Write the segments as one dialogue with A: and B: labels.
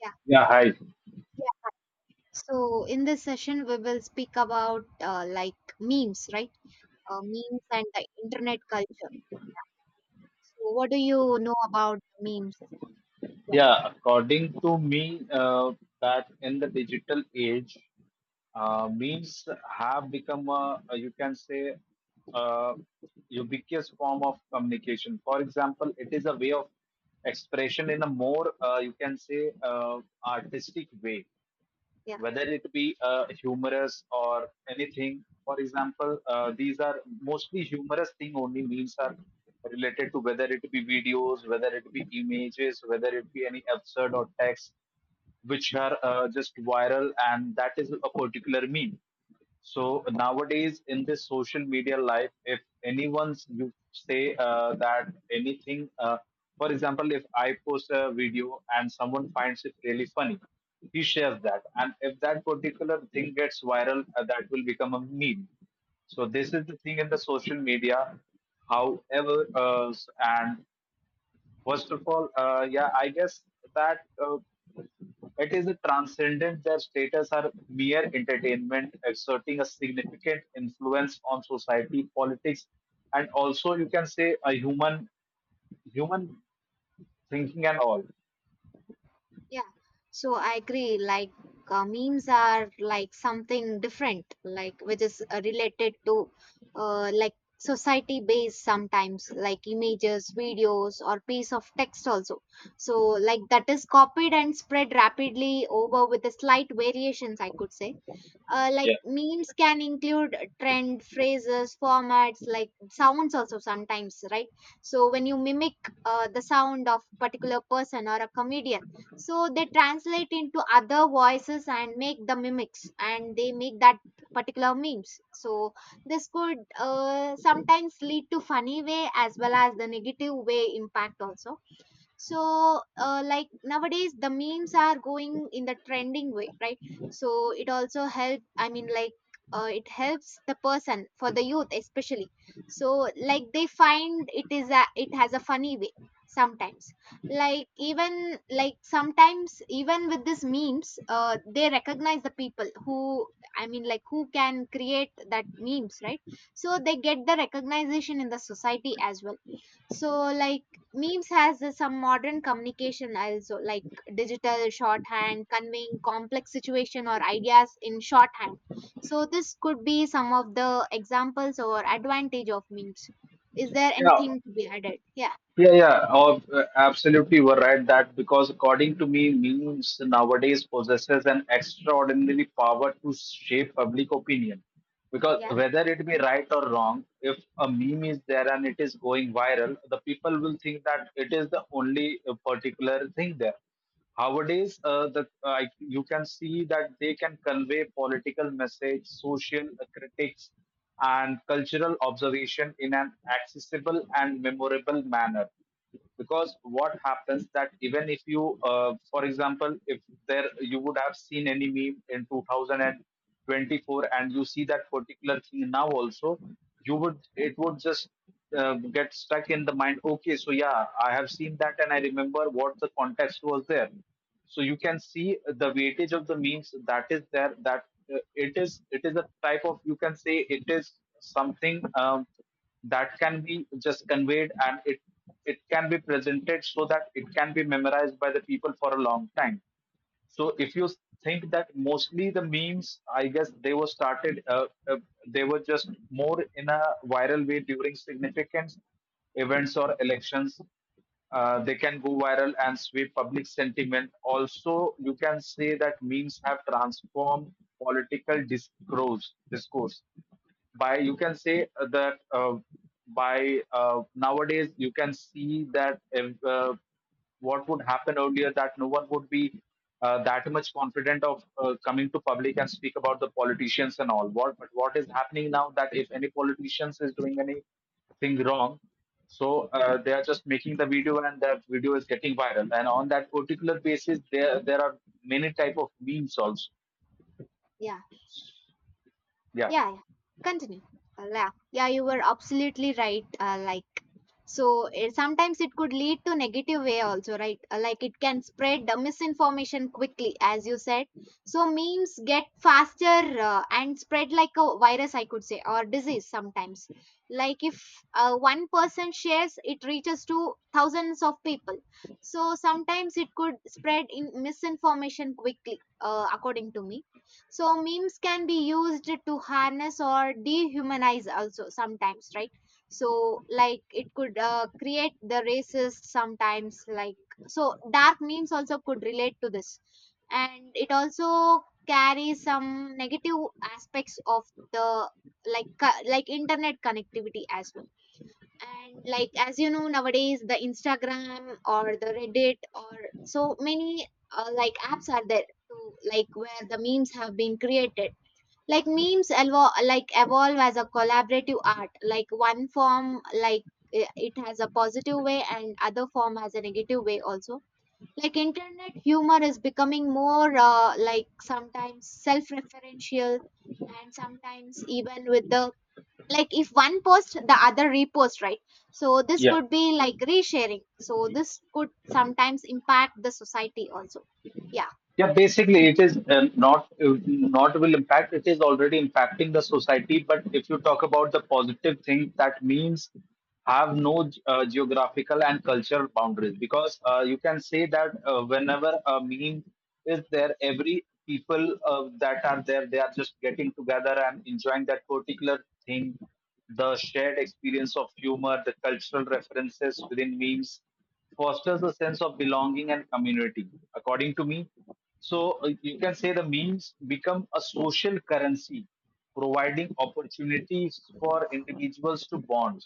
A: Yeah,
B: Yeah, hi.
A: yeah. So in this session, we will speak about like memes, right? Memes and the internet culture. So what do you know about memes? Yeah,
B: Yeah, according to me, that in the digital age, memes have become you can say, uh, ubiquitous form of communication. For example, it is a way of expression in a more, you can say, artistic way.
A: yeah,
B: Whether it be humorous or anything. For example, these are mostly humorous thing only memes are related to whether it be videos, whether it be images, whether it be any absurd or text which are just viral, and that is a particular meme. So nowadays, in this social media life, if anyone's you say that anything, for example, if I post a video and someone finds it really funny, he shares that, and if that particular thing gets viral, that will become a meme. So this is the thing in the social media. However, and First of all, yeah, I guess that it is a transcendent their status are mere entertainment, exerting a significant influence on society, politics, and also you can say a human thinking and all.
A: yeah. So I agree. Memes are like something different, like which is related to like society based sometimes, like images, videos, or piece of text also. So like that is copied and spread rapidly over with a slight variations, I could say, like
B: Yeah.
A: memes can include trend phrases formats like sounds also sometimes, right? So when you mimic the sound of particular person or a comedian, so they translate into other voices and make the mimics and they make that particular memes. So this could sometimes lead to funny way as well as the negative way impact also. So like nowadays the memes are going in the trending way, right? So it also help, I mean, like it helps the person for the youth especially. So like they find it is a, it has a funny way sometimes. Like even like sometimes even with these memes, they recognize the people who, I mean, like who can create that memes, right? So they get the recognition in the society as well. So like memes has some modern communication also, like digital shorthand conveying complex situation or ideas in shorthand. So this could be some of the examples or advantage of memes. Is there
B: Yeah,
A: anything to be added? yeah
B: yeah, yeah. Oh, absolutely, you were right that because according to me, memes nowadays possesses an extraordinary power to shape public opinion because
A: yeah
B: whether it be right or wrong, if a meme is there and it is going viral, the people will think that it is the only particular thing there. Nowadays uh, the uh, you can see that they can convey political message, social critics and cultural observation in an accessible and memorable manner. Because what happens that even if you for example, if there you would have seen any meme in 2024 and you see that particular thing now also, you would, it would just get stuck in the mind. Okay, so yeah, I have seen that and I remember what the context was there. So you can see the weightage of the memes that is there, that it is a type of, you can say, it is something that can be just conveyed, and it can be presented so that it can be memorized by the people for a long time. So if you think that mostly the memes, I guess they were started, they were just more in a viral way during significant events or elections. They can go viral and sweep public sentiment. Also, you can say that memes have transformed political discourse. By, you can say that by nowadays you can see that if, what would happen earlier, that no one would be that much confident of coming to public and speak about the politicians and all what, but what is happening now that if any politicians is doing anything wrong, so they are just making the video and that video is getting viral, and on that particular basis there are many type of memes also,
A: yeah
B: yeah.
A: yeah, yeah. Continue. Yeah, you were absolutely right. Like, so it, sometimes it could lead to negative way also, right? Like it can spread the misinformation quickly, as you said. So memes get faster and spread like a virus, I could say, or disease sometimes. Like if one person shares, it reaches to thousands of people. So sometimes it could spread in misinformation quickly, according to me. So memes can be used to harness or dehumanize also sometimes, right? So like it could create the racist sometimes, like, so dark memes also could relate to this, and it also carries some negative aspects of the, like like internet connectivity as well. And like as you know nowadays the Instagram or the Reddit or so many like apps are there to, like where the memes have been created. Like memes like evolve as a collaborative art, like one form, like it has a positive way and other form has a negative way also. Like internet humor is becoming more like sometimes self-referential, and sometimes even with the, like if one post the other repost, right? So this could be like resharing. So this could sometimes impact the society also. yeah
B: Yeah, basically, it is not, not will impact. It is already impacting the society. But if you talk about the positive thing, that means have no geographical and cultural boundaries, because you can say that whenever a meme is there, every people that are there, they are just getting together and enjoying that particular thing. The shared experience of humor, the cultural references within memes fosters a sense of belonging and community, according to me. So you can say the memes become a social currency, providing opportunities for individuals to bond.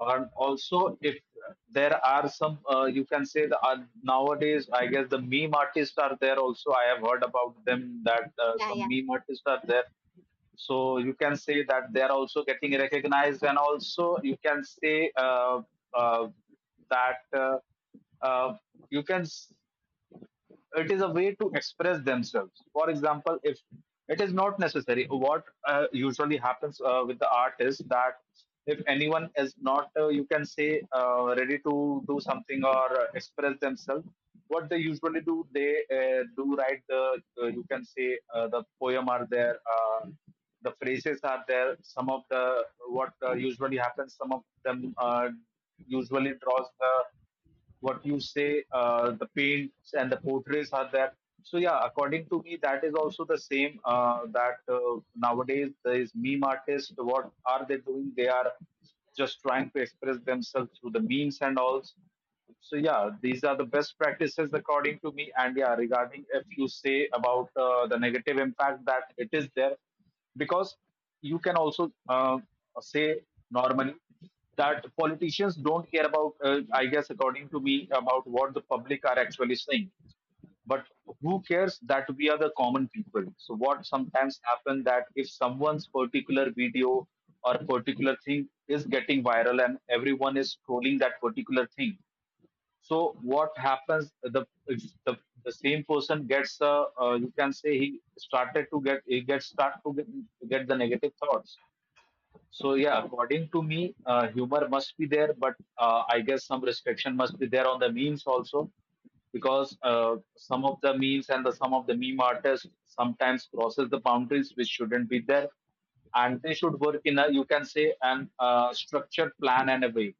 B: And also, if there are some, you can say the nowadays, I guess the meme artists are there also. I have heard about them that
A: yeah
B: some
A: yeah
B: meme artists are there. So you can say that they are also getting recognized, and also you can say uh, that uh, you can it is a way to express themselves. For example, if it is not necessary what usually happens with the art is that if anyone is not you can say ready to do something or express themselves, what they usually do, they do write the you can say the poem are there, the phrases are there, some of the what usually happens, some of them usually draws the what you say, the paints and the portraits are there. So yeah, according to me, that is also the same. That Nowadays there is meme artists. What are they doing? They are just trying to express themselves through the memes and all. So yeah, these are the best practices according to me. And yeah, regarding if you say about the negative impact that it is there, because you can also say normally that politicians don't care about I guess, according to me, about what the public are actually saying. But who cares? That we are the common people, so what sometimes happen that if someone's particular video or particular thing is getting viral and everyone is trolling that particular thing, so what happens? The same person gets you can say, he started to get, he gets start to get the negative thoughts. So yeah, according to me, humor must be there, but I guess some restriction must be there on the memes also, because some of the memes and the some of the meme artists sometimes crosses the boundaries which shouldn't be there, and they should work in a, you can say, an structured plan and a way.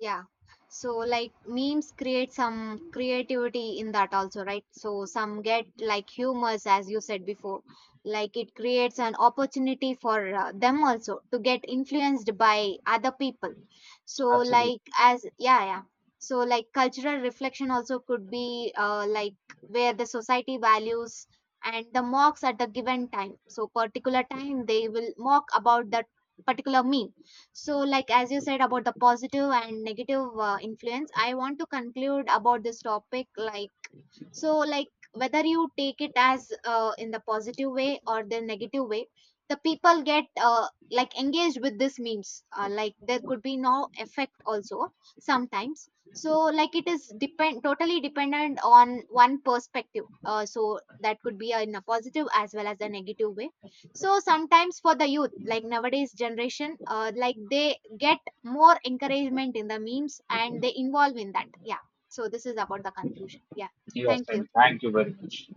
A: Yeah. So like memes create some creativity in that also, right? So some get like humors as you said before. Like it creates an opportunity for them also to get influenced by other people. So
B: Absolutely.
A: like as, yeah, yeah. So like cultural reflection also could be, like where the society values and the mocks at the given time. So particular time they will mock about that particular meme. So like as you said about the positive and negative influence, I want to conclude about this topic. Like so like whether you take it as in the positive way or the negative way, the people get like engaged with this memes. Like there could be no effect also sometimes. So like it is depend totally dependent on one perspective, so that could be in a positive as well as a negative way. So sometimes for the youth like nowadays generation, like they get more encouragement in the memes and they involve in that. Yeah, so this is about the conclusion. Yeah,
B: Yes,
A: thank you.
B: and thank you very much.